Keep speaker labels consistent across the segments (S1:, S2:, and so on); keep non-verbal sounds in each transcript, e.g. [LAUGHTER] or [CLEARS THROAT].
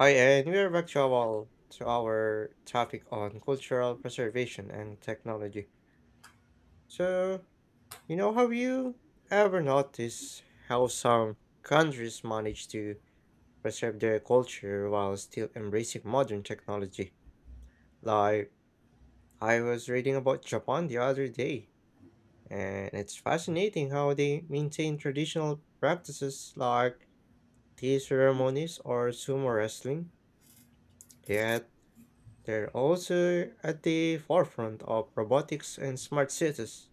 S1: Hi, and we are back to our topic on cultural preservation and technology. So, you know, have you ever noticed how some countries manage to preserve their culture while still embracing modern technology? Like, I was reading about Japan the other day, and it's fascinating how they maintain traditional practices like tea ceremonies or sumo wrestling, yet they're also at the forefront of robotics and smart cities.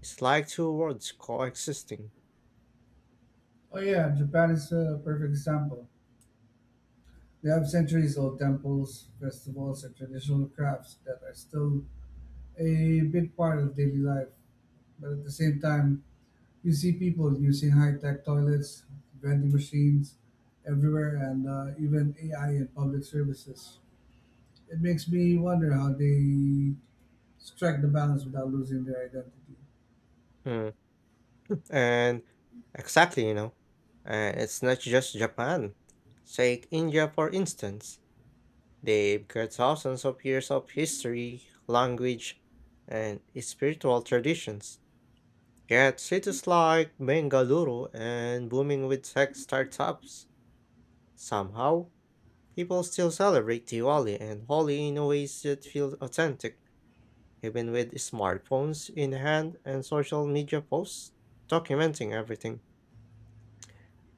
S1: It's like two worlds coexisting.
S2: Oh yeah, Japan is a perfect example. They have centuries-old temples, festivals, and traditional crafts that are still a big part of daily life. But at the same time, you see people using high-tech toilets, vending machines everywhere, and even AI in public services. It makes me wonder how they strike the balance without losing their identity.
S1: Hmm. And exactly, you know, and it's not just Japan. Take India, for instance. They've got thousands of years of history, language, and spiritual traditions. Yet cities like Bengaluru and booming with tech startups somehow people still celebrate Diwali and Holi in ways that feel authentic, even with smartphones in hand and social media posts documenting everything.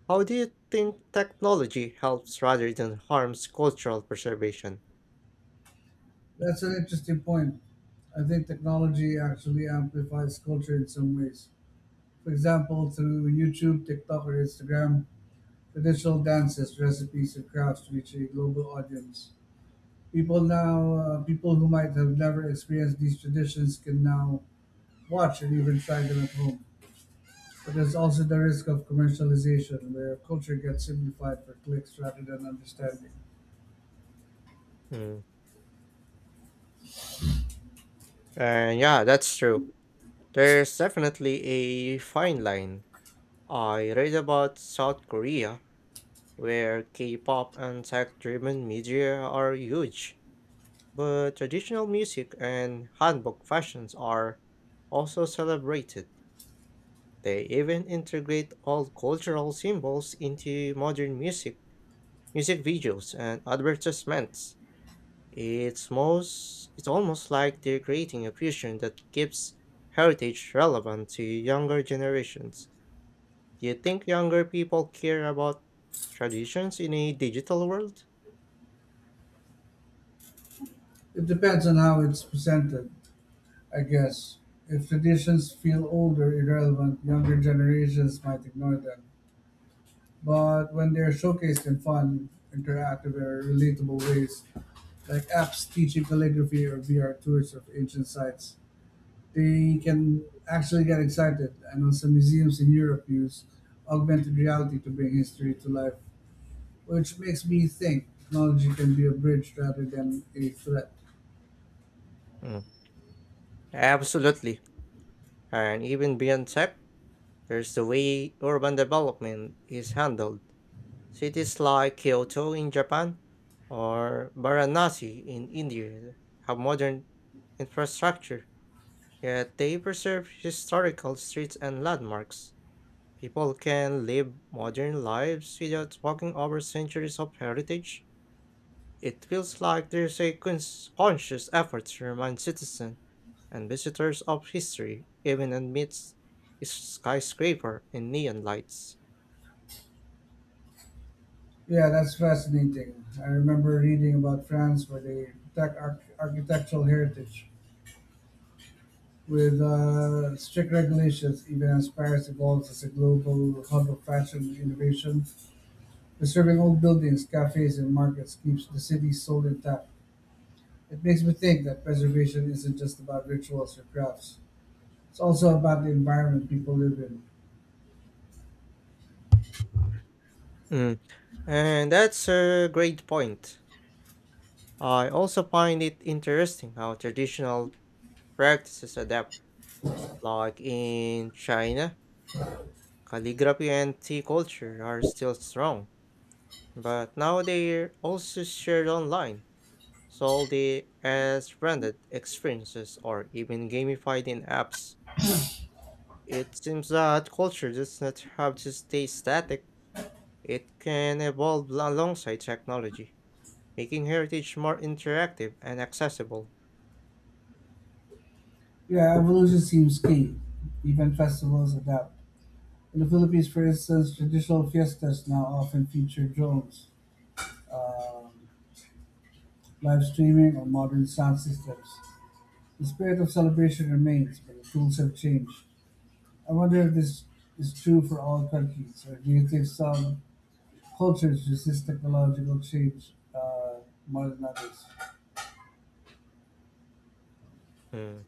S1: How do you think technology helps rather than harms cultural preservation?
S2: That's an interesting point. I think technology actually amplifies culture in some ways. For example, through YouTube, TikTok, or Instagram, traditional dances, recipes, and crafts reach a global audience. People who might have never experienced these traditions can now watch and even try them at home. But there's also the risk of commercialization, where culture gets simplified for clicks rather than understanding.
S1: Mm. And yeah, that's true. There's definitely a fine line. I read about South Korea, where K pop and tech driven media are huge, but traditional music and hanbok fashions are also celebrated. They even integrate all cultural symbols into modern music, music videos, and advertisements. It's almost like they're creating a fusion that keeps heritage relevant to younger generations. Do you think younger people care about traditions in a digital world?
S2: It depends on how it's presented, I guess. If traditions feel older, irrelevant, younger generations might ignore them, but when they're showcased in fun, interactive, or relatable ways, like apps teaching calligraphy or VR tours of ancient sites, they can actually get excited. I know some museums in Europe use augmented reality to bring history to life, which makes me think technology can be a bridge rather than a threat.
S1: Mm, absolutely. And even beyond tech, there's the way urban development is handled. Cities like Kyoto in Japan or Varanasi in India have modern infrastructure, yet they preserve historical streets and landmarks. People can live modern lives without walking over centuries of heritage. It feels like there's a conscious effort to remind citizens and visitors of history, even amidst skyscraper and neon lights.
S2: Yeah, that's fascinating. I remember reading about France, where they protect architectural heritage with strict regulations, even aspires to go as a global hub of fashion and innovation. Preserving old buildings, cafes, and markets keeps the city's soul intact. It makes me think that preservation isn't just about rituals or crafts. It's also about the environment people live in.
S1: Mm, and that's a great point. I also find it interesting how traditional practices adapt, like in China, calligraphy and tea culture are still strong, but now they're also shared online, sold as branded experiences or even gamified in apps. It seems that culture does not have to stay static, it can evolve alongside technology, making heritage more interactive and accessible.
S2: Yeah, evolution seems key. Even festivals adapt. In the Philippines, for instance, traditional fiestas now often feature drones, um, live streaming, or modern sound systems. The spirit of celebration remains, but the tools have changed. I wonder if this is true for all countries, or do you think some cultures resist technological change more than others?
S1: Mm.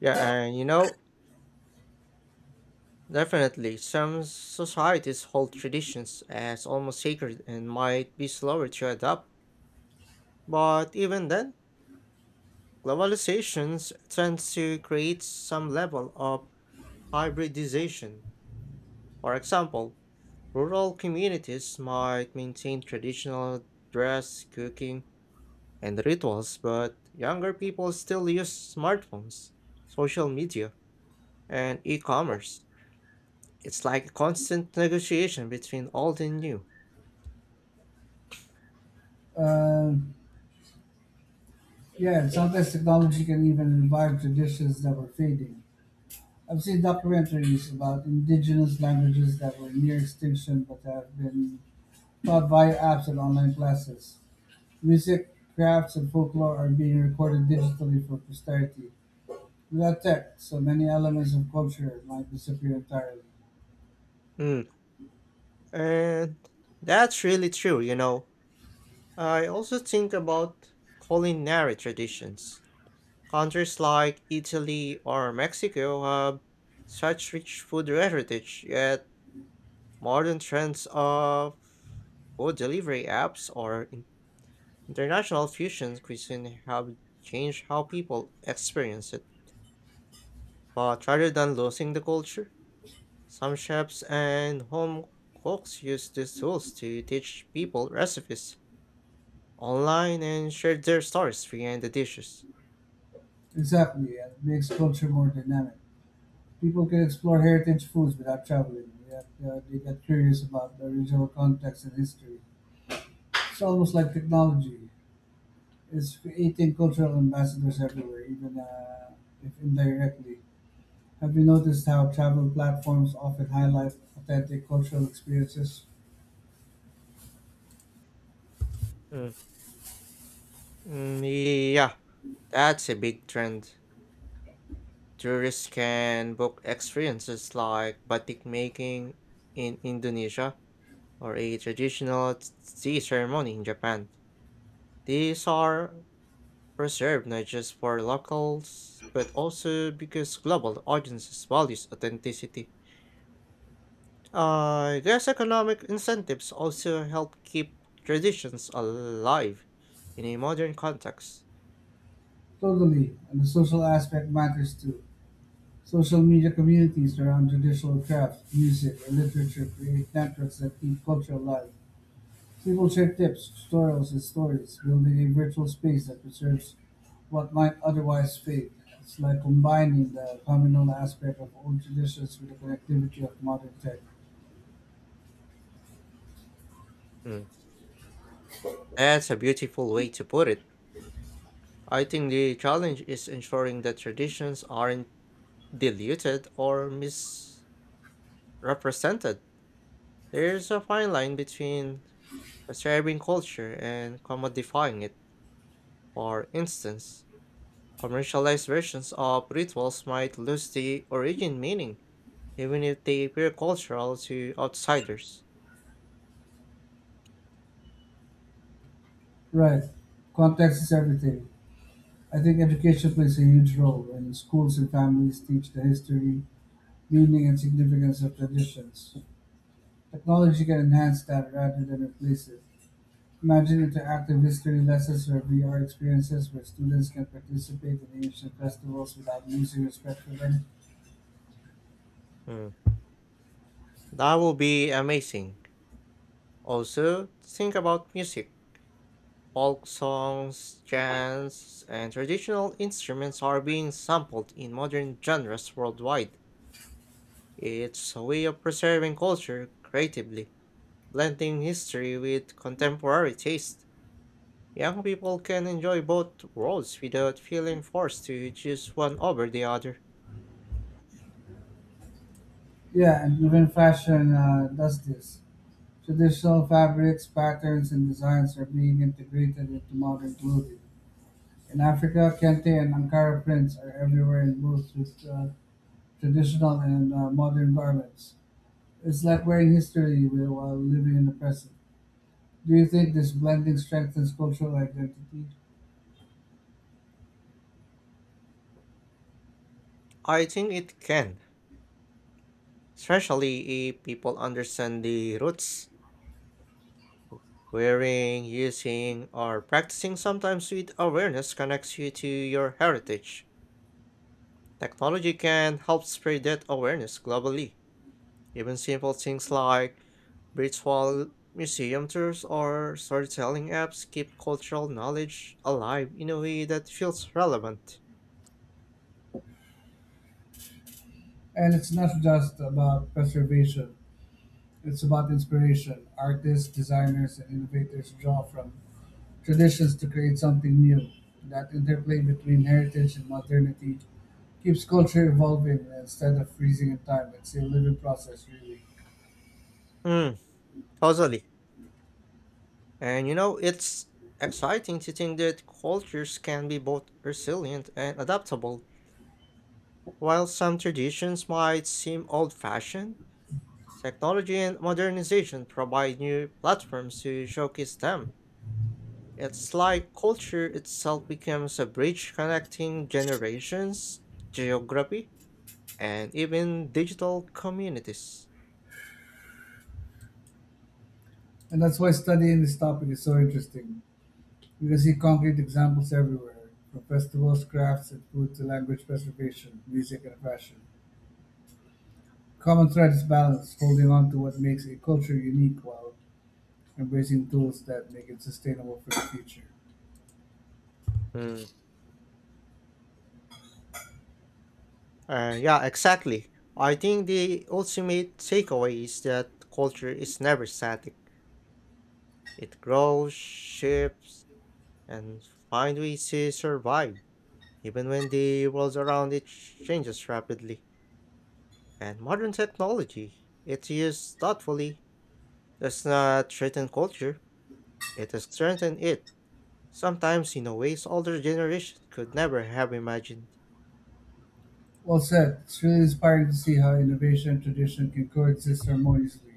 S1: Yeah, and you know, definitely, some societies hold traditions as almost sacred and might be slower to adopt. But even then, globalizations tends to create some level of hybridization. For example, rural communities might maintain traditional dress, cooking, and rituals, but younger people still use smartphones, social media, and e-commerce. It's like a constant negotiation between old and new.
S2: Uh, yeah, and sometimes technology can even revive traditions that were fading. I've seen documentaries about indigenous languages that were near extinction but have been taught via apps and online classes. Music, crafts, and folklore are being recorded digitally for posterity. Without tech, so many elements of culture might disappear entirely.
S1: Mm, and that's really true, you know. I also think about culinary traditions. Countries like Italy or Mexico have such rich food heritage, yet modern trends of food delivery apps or international fusion cuisine have changed how people experience it. But rather than losing the culture, some chefs and home cooks use these tools to teach people recipes online and share their stories behind the dishes.
S2: Exactly, and it makes culture more dynamic. People can explore heritage foods without traveling, yet they get curious about the original context and history. It's almost like technology. It's creating cultural ambassadors everywhere, even if indirectly. Have you noticed how travel platforms often highlight authentic cultural experiences?
S1: Mm. Mm, yeah, that's a big trend. Tourists can book experiences like batik making in Indonesia or a traditional tea ceremony in Japan. These are preserved not just for locals but also because global audiences values authenticity. These economic incentives also help keep traditions alive in a modern context.
S2: Totally, and the social aspect matters too. Social media communities around traditional crafts, music, and literature create networks that keep culture alive. People share tips, tutorials, and stories, building a virtual space that preserves what might otherwise fade. It's like combining the communal aspect of old traditions with the connectivity of modern tech.
S1: Mm, that's a beautiful way to put it. I think the challenge is ensuring that traditions aren't diluted or misrepresented. There's a fine line between preserving culture and commodifying it. For instance, commercialized versions of rituals might lose the origin meaning even if they appear cultural to outsiders.
S2: Right. Context is everything. I think education plays a huge role when schools and families teach the history, meaning, and significance of traditions. Technology can enhance that rather than replace it. Imagine interactive history lessons or VR experiences where students can participate in ancient festivals without losing respect for them.
S1: Mm, that will be amazing. Also, think about music. Folk songs, chants, and traditional instruments are being sampled in modern genres worldwide. It's a way of preserving culture creatively, blending history with contemporary taste. Young people can enjoy both worlds without feeling forced to choose one over the other.
S2: Yeah, and even fashion does this. Traditional fabrics, patterns, and designs are being integrated into modern clothing. In Africa, kente and Ankara prints are everywhere in both traditional and modern garments. It's like wearing history while living in the present. Do you think this blending strengthens cultural identity?
S1: I think it can, especially if people understand the roots. Wearing, using, or practicing sometimes with awareness connects you to your heritage. Technology can help spread that awareness globally. Even simple things like virtual museum tours or storytelling apps keep cultural knowledge alive in a way that feels relevant.
S2: And it's not just about preservation, it's about inspiration. Artists, designers, and innovators draw from traditions to create something new. That interplay between heritage and modernity keeps culture evolving instead of freezing in time. It's a living process, really.
S1: Mm, totally. And you know, it's exciting to think that cultures can be both resilient and adaptable. While some traditions might seem old fashioned, technology and modernization provide new platforms to showcase them. It's like culture itself becomes a bridge connecting generations, geography, and even digital communities.
S2: And that's why studying this topic is so interesting. You can see concrete examples everywhere, from festivals, crafts, and food to language preservation, music, and fashion. Common thread is balance, holding on to what makes a culture unique while embracing tools that make it sustainable for the future.
S1: Mm. Yeah, exactly. I think the ultimate takeaway is that culture is never static. It grows, shifts, and finds ways to survive, even when the world around it changes rapidly. And modern technology, it's used thoughtfully, does not threaten culture, it has strengthened it, sometimes in a ways older generations could never have imagined.
S2: Well said. It's really inspiring to see how innovation and tradition can coexist harmoniously.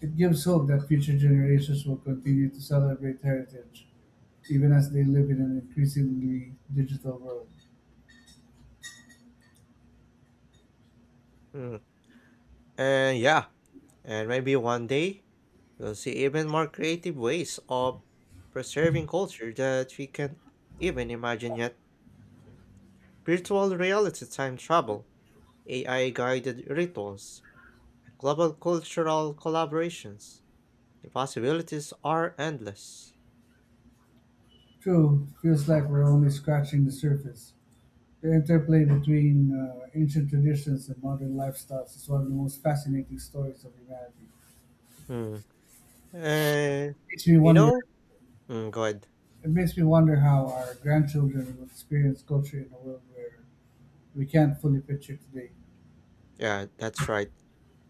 S2: It gives hope that future generations will continue to celebrate heritage, even as they live in an increasingly digital world.
S1: Hmm. And yeah, and maybe one day we'll see even more creative ways of preserving culture that we can even imagine yet. Virtual reality time travel, AI guided rituals, global cultural collaborations. The possibilities are endless.
S2: True, it feels like we're only scratching the surface. The interplay between ancient traditions and modern lifestyles is one of the most fascinating stories of humanity.
S1: Hmm. And
S2: Makes me
S1: you
S2: wonder
S1: know, go ahead.
S2: It makes me wonder how our grandchildren will experience culture in a world where we can't fully picture today.
S1: Yeah, that's right.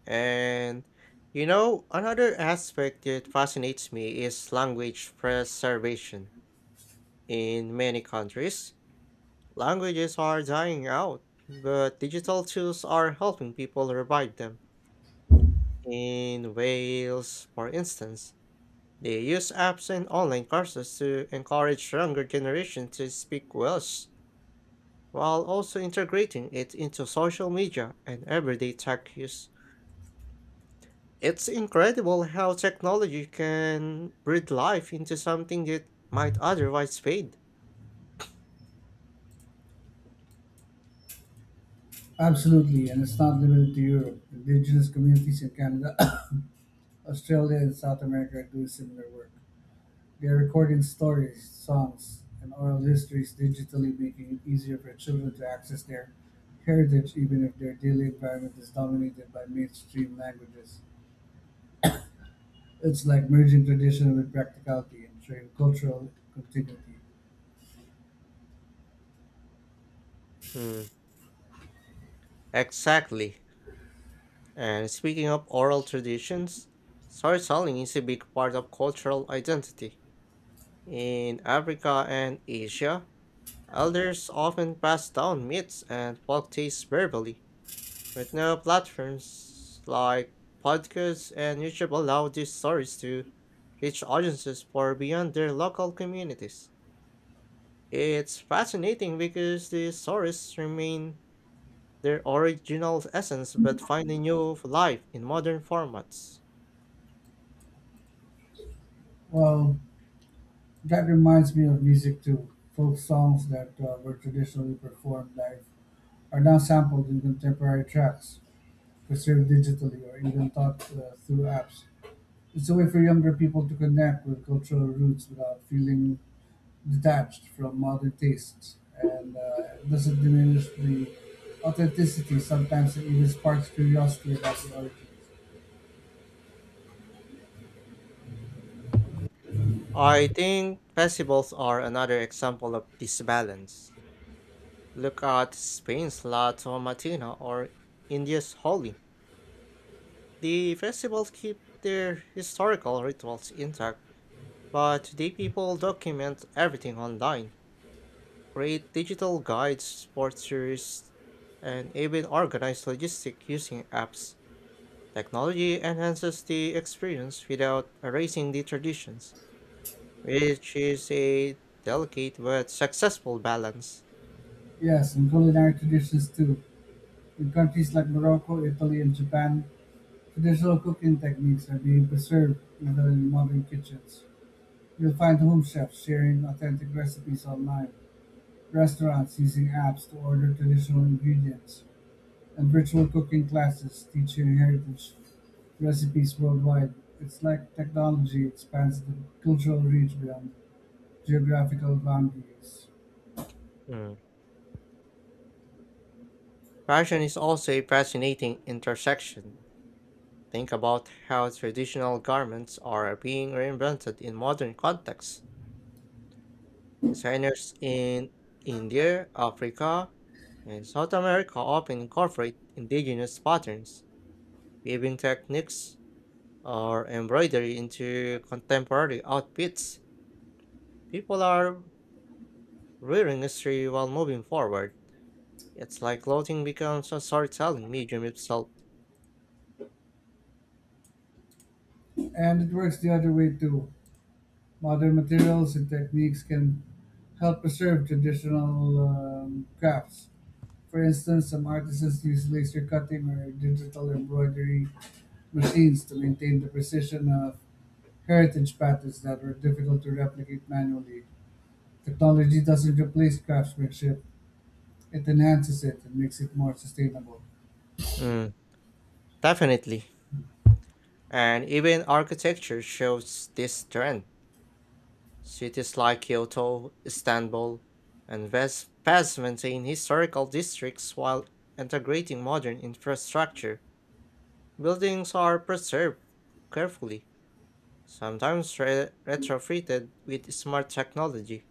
S1: And you know, another aspect that fascinates me is language preservation. In many countries, languages are dying out, but digital tools are helping people revive them. In Wales, for instance, they use apps and online courses to encourage younger generation to speak Welsh, while also integrating it into social media and everyday tech use. It's incredible how technology can breathe life into something that might otherwise fade.
S2: Absolutely, and it's not limited to Europe. Indigenous communities in Canada, [COUGHS] Australia, and South America are doing similar work. They are recording stories, songs, and oral histories digitally, making it easier for children to access their heritage even if their daily environment is dominated by mainstream languages. It's like merging tradition with practicality and ensuring cultural continuity.
S1: Hmm, exactly. And speaking of oral traditions, storytelling is a big part of cultural identity. In Africa and Asia, elders often pass down myths and folk tales verbally, but now platforms like podcasts and YouTube allow these stories to reach audiences far beyond their local communities. It's fascinating because these stories remain their original essence but find a new life in modern formats.
S2: Well, that reminds me of music too. Folk songs that were traditionally performed live are now sampled in contemporary tracks, preserved digitally, or even taught through apps. It's a way for younger people to connect with cultural roots without feeling detached from modern tastes, and it doesn't diminish the authenticity. Sometimes it even sparks curiosity about the origins.
S1: I think festivals are another example of this balance. Look at Spain's La Tomatina or India's Holi. The festivals keep their historical rituals intact, but today people document everything online, create digital guides for tourists, and even organize logistics using apps. Technology enhances the experience without erasing the traditions, which is a delicate but successful balance.
S2: Yes, and culinary traditions too. In countries like Morocco, Italy, and Japan, traditional cooking techniques are being preserved even in modern kitchens. You'll find home chefs sharing authentic recipes online, restaurants using apps to order traditional ingredients, and virtual cooking classes teaching heritage recipes worldwide. It's like technology expands the cultural reach beyond geographical boundaries.
S1: Mm. Fashion is also a fascinating intersection. Think about how traditional garments are being reinvented in modern contexts. Designers in India, Africa, and South America often incorporate indigenous patterns, weaving techniques, or embroidery into contemporary outfits. People are rearing history while moving forward. It's like clothing becomes a storytelling medium itself.
S2: And it works the other way too. Modern materials and techniques can help preserve traditional crafts. For instance, some artisans use laser cutting or digital embroidery machines to maintain the precision of heritage patterns that were difficult to replicate manually. Technology doesn't replace craftsmanship, it enhances it and makes it more sustainable.
S1: Mm, definitely. And even architecture shows this trend. Cities like Kyoto, Istanbul, and Fez maintain historical districts while integrating modern infrastructure. Buildings are preserved carefully, sometimes retrofitted with smart technology,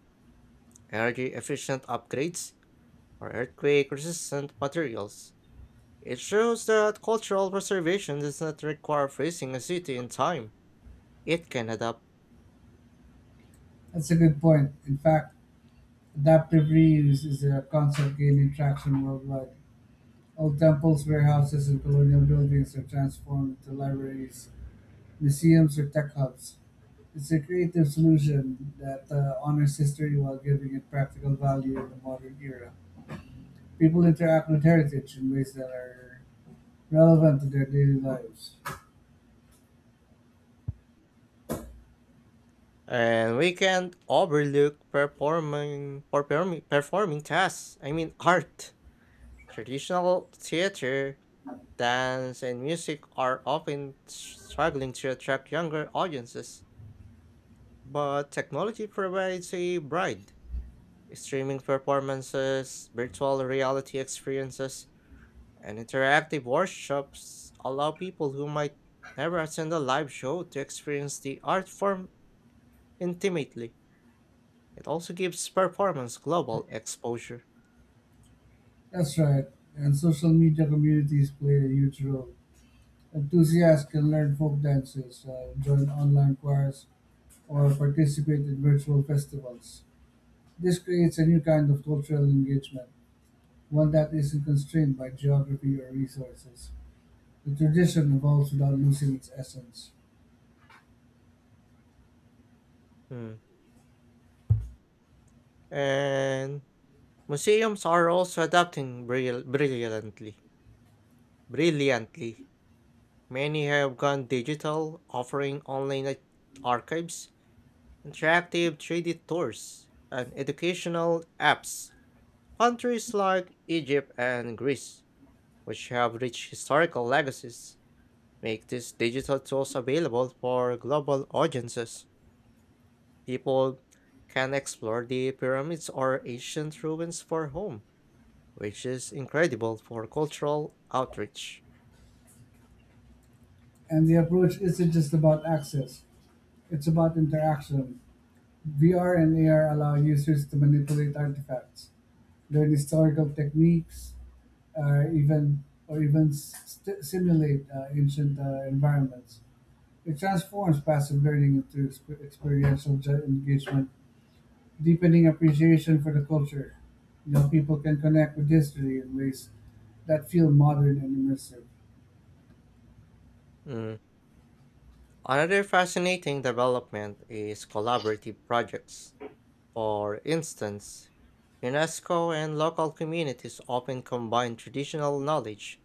S1: energy efficient upgrades, or earthquake resistant materials. It shows that cultural preservation does not require freezing a city in time, it can adapt.
S2: That's a good point. In fact, adaptive reuse is a concept gaining traction worldwide. Old temples, warehouses, and colonial buildings are transformed into libraries, museums, or tech hubs. It's a creative solution that honors history while giving it practical value in the modern era. People interact with heritage in ways that are relevant to their daily lives.
S1: And we can't overlook performing performing performing tasks. I mean [LAUGHS] art. Traditional theater, dance and music are often struggling to attract younger audiences, but technology provides a bride. Streaming performances, virtual reality experiences, and interactive workshops allow people who might never attend a live show to experience the art form intimately. It also gives performance global exposure.
S2: That's right, and social media communities play a huge role. Enthusiasts can learn folk dances, join online choirs, or participate in virtual festivals. This creates a new kind of cultural engagement, one that isn't constrained by geography or resources. The tradition evolves without losing its essence.
S1: Hmm. And museums are also adapting brilliantly. Brilliantly. Many have gone digital, offering online archives, interactive 3D tours, and educational apps. Countries like Egypt and Greece, which have rich historical legacies, make these digital tools available for global audiences. People can explore the pyramids or ancient ruins for home, which is incredible for cultural outreach.
S2: And the approach isn't just about access, it's about interaction. VR and AR allow users to manipulate artifacts, learn historical techniques, or even simulate ancient environments. It transforms passive learning into experiential engagement, deepening appreciation for the culture. You know, people can connect with history in ways that feel modern and immersive.
S1: Mm, another fascinating development is collaborative projects. For instance, UNESCO and local communities often combine traditional knowledge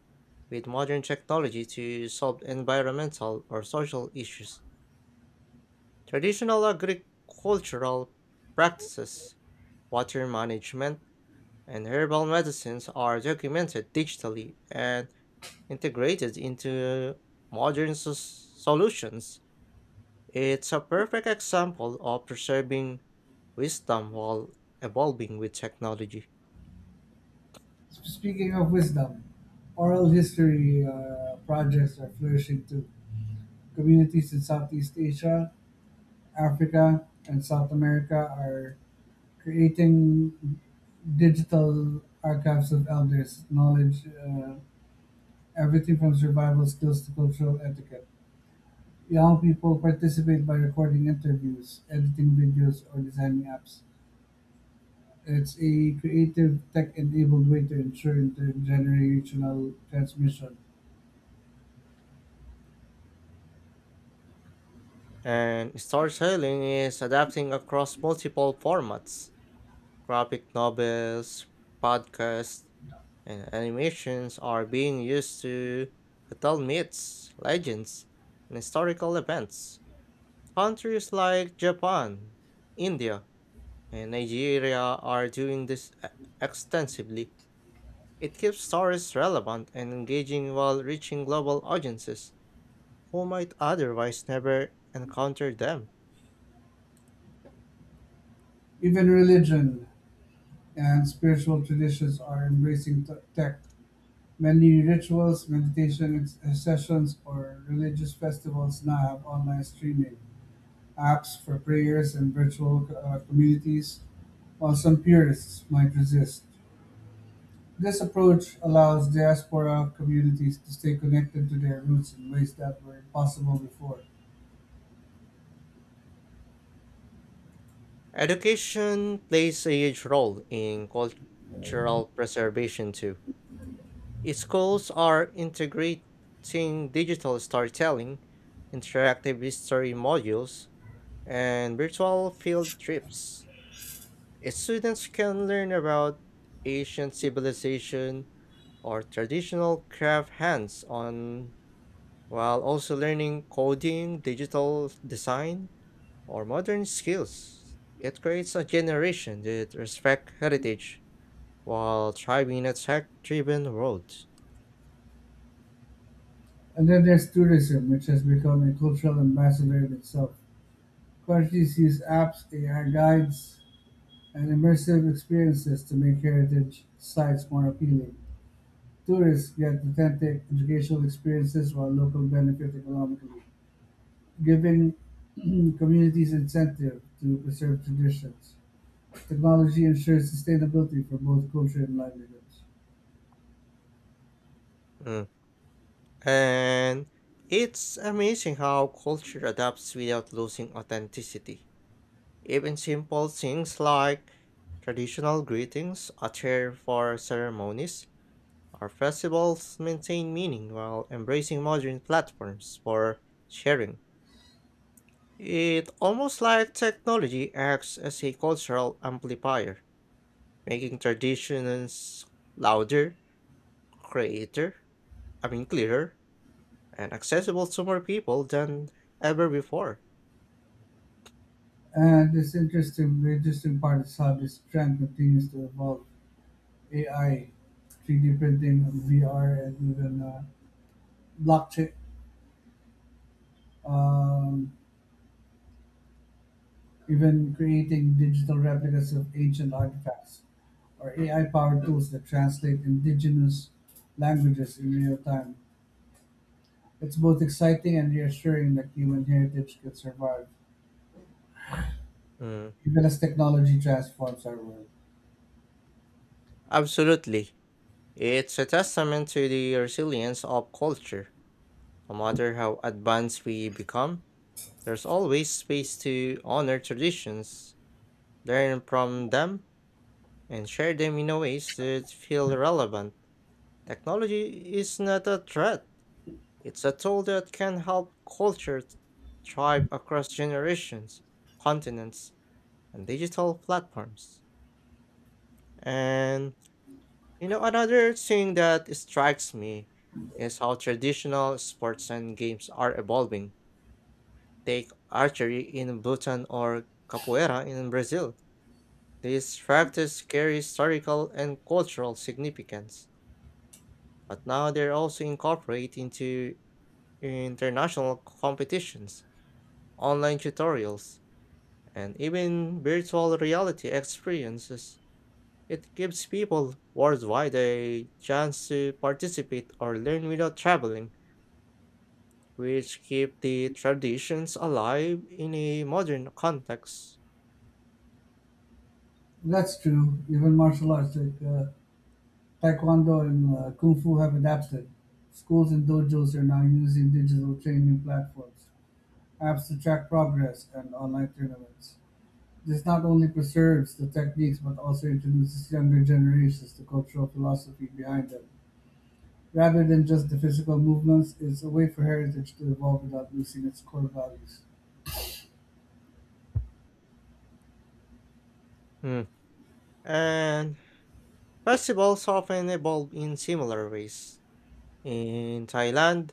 S1: with modern technology to solve environmental or social issues. Traditional agricultural practices, water management, and herbal medicines are documented digitally and integrated into modern solutions. It's a perfect example of preserving wisdom while evolving with technology.
S2: Speaking of wisdom, oral history projects are flourishing too. Communities in Southeast Asia, Africa, and South America are creating digital archives of elders' knowledge, everything from survival skills to cultural etiquette. Young people participate by recording interviews, editing videos, or designing apps. It's a creative, tech enabled way to ensure intergenerational transmission.
S1: And storytelling is adapting across multiple formats. Graphic novels, podcasts, and animations are being used to retell myths, legends, and historical events. Countries like Japan, India, and Nigeria are doing this extensively. It keeps stories relevant and engaging while reaching global audiences who might otherwise never encounter them.
S2: Even religion and spiritual traditions are embracing tech. Many rituals, meditation sessions, or religious festivals now have online streaming apps for prayers and virtual communities, while some purists might resist. This approach allows diaspora communities to stay connected to their roots in ways that were impossible before.
S1: Education plays a huge role in cultural preservation too. Schools are integrating digital storytelling, interactive history modules, and virtual field trips. Students can learn about ancient civilization or traditional craft hands on, while also learning coding, digital design, or modern skills. It creates a generation that respects heritage while thriving in a tech-driven world.
S2: And then there's tourism, which has become a cultural ambassador in itself. Countries use apps, AI guides, and immersive experiences to make heritage sites more appealing. Tourists get authentic educational experiences while locals benefit economically, giving [CLEARS THROAT] communities incentive to preserve traditions. Technology ensures sustainability for both culture and livelihoods.
S1: Mm. And it's amazing how culture adapts without losing authenticity. Even simple things like traditional greetings, attire for ceremonies, or festivals maintain meaning while embracing modern platforms for sharing. It's almost like technology acts as a cultural amplifier, making traditions louder, creator, I mean clearer, and accessible to more people than ever before.
S2: And the interesting part is how this trend continues to evolve. AI, 3D printing, VR, and even blockchain. Um, Even creating digital replicas of ancient artifacts or AI-powered tools that translate indigenous languages in real time. It's both exciting and reassuring that human heritage can survive,
S1: Mm,
S2: even as technology transforms our world.
S1: absolutely. It's a testament to the resilience of culture. No matter how advanced we become, there's always space to honor traditions, learn from them, and share them in a ways that feel relevant. Technology is not a threat, it's a tool that can help cultures thrive across generations, continents, and digital platforms. And you know, another thing that strikes me is how traditional sports and games are evolving. Take archery in Bhutan or capoeira in Brazil. These practices carry historical and cultural significance, but now they're also incorporated into international competitions, online tutorials, and even virtual reality experiences. It gives people worldwide a chance to participate or learn without traveling, which keep the traditions alive in a modern context.
S2: That's true. Even martial arts like Taekwondo and Kung Fu have adapted. Schools and dojos are now using digital training platforms, apps to track progress, and online tournaments. This not only preserves the techniques but also introduces younger generations to cultural philosophy behind them. Rather than just the physical movements, it's a way for heritage to evolve without losing its core values.
S1: Mm. And festivals often evolve in similar ways. In Thailand,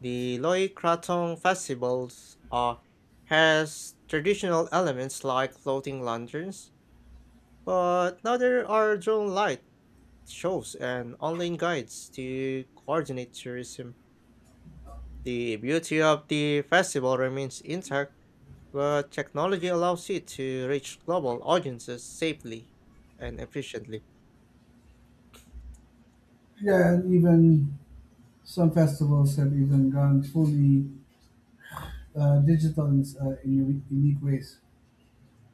S1: the Loy Krathong festivals are has traditional elements like floating lanterns, but now there are drone light shows and online guides to coordinate tourism. The beauty of the festival remains intact, but technology allows it to reach global audiences safely and efficiently.
S2: Yeah, and even some festivals have even gone fully digital in unique ways.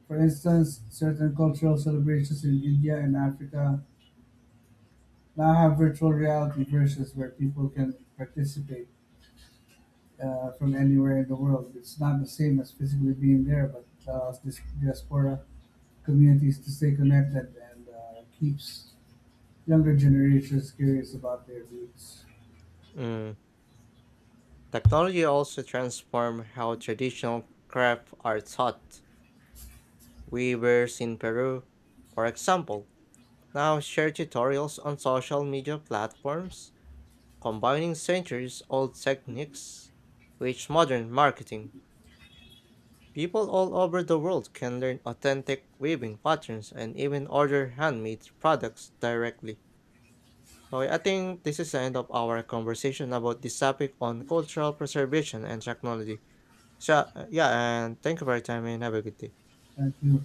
S2: For instance, certain cultural celebrations in India and Africa now have virtual reality versions where people can participate from anywhere in the world. It's not the same as physically being there, but it allows this diaspora communities to stay connected and keeps younger generations curious about their roots.
S1: Mm, technology also transforms how traditional crafts are taught. Weavers in Peru, for example, now share tutorials on social media platforms combining centuries old techniques with modern marketing. People all over the world can learn authentic weaving patterns and even order handmade products directly. So I think this is the end of our conversation about this topic on cultural preservation and technology. Sure. Yeah. And thank you for your time and have a good day.
S2: Thank you.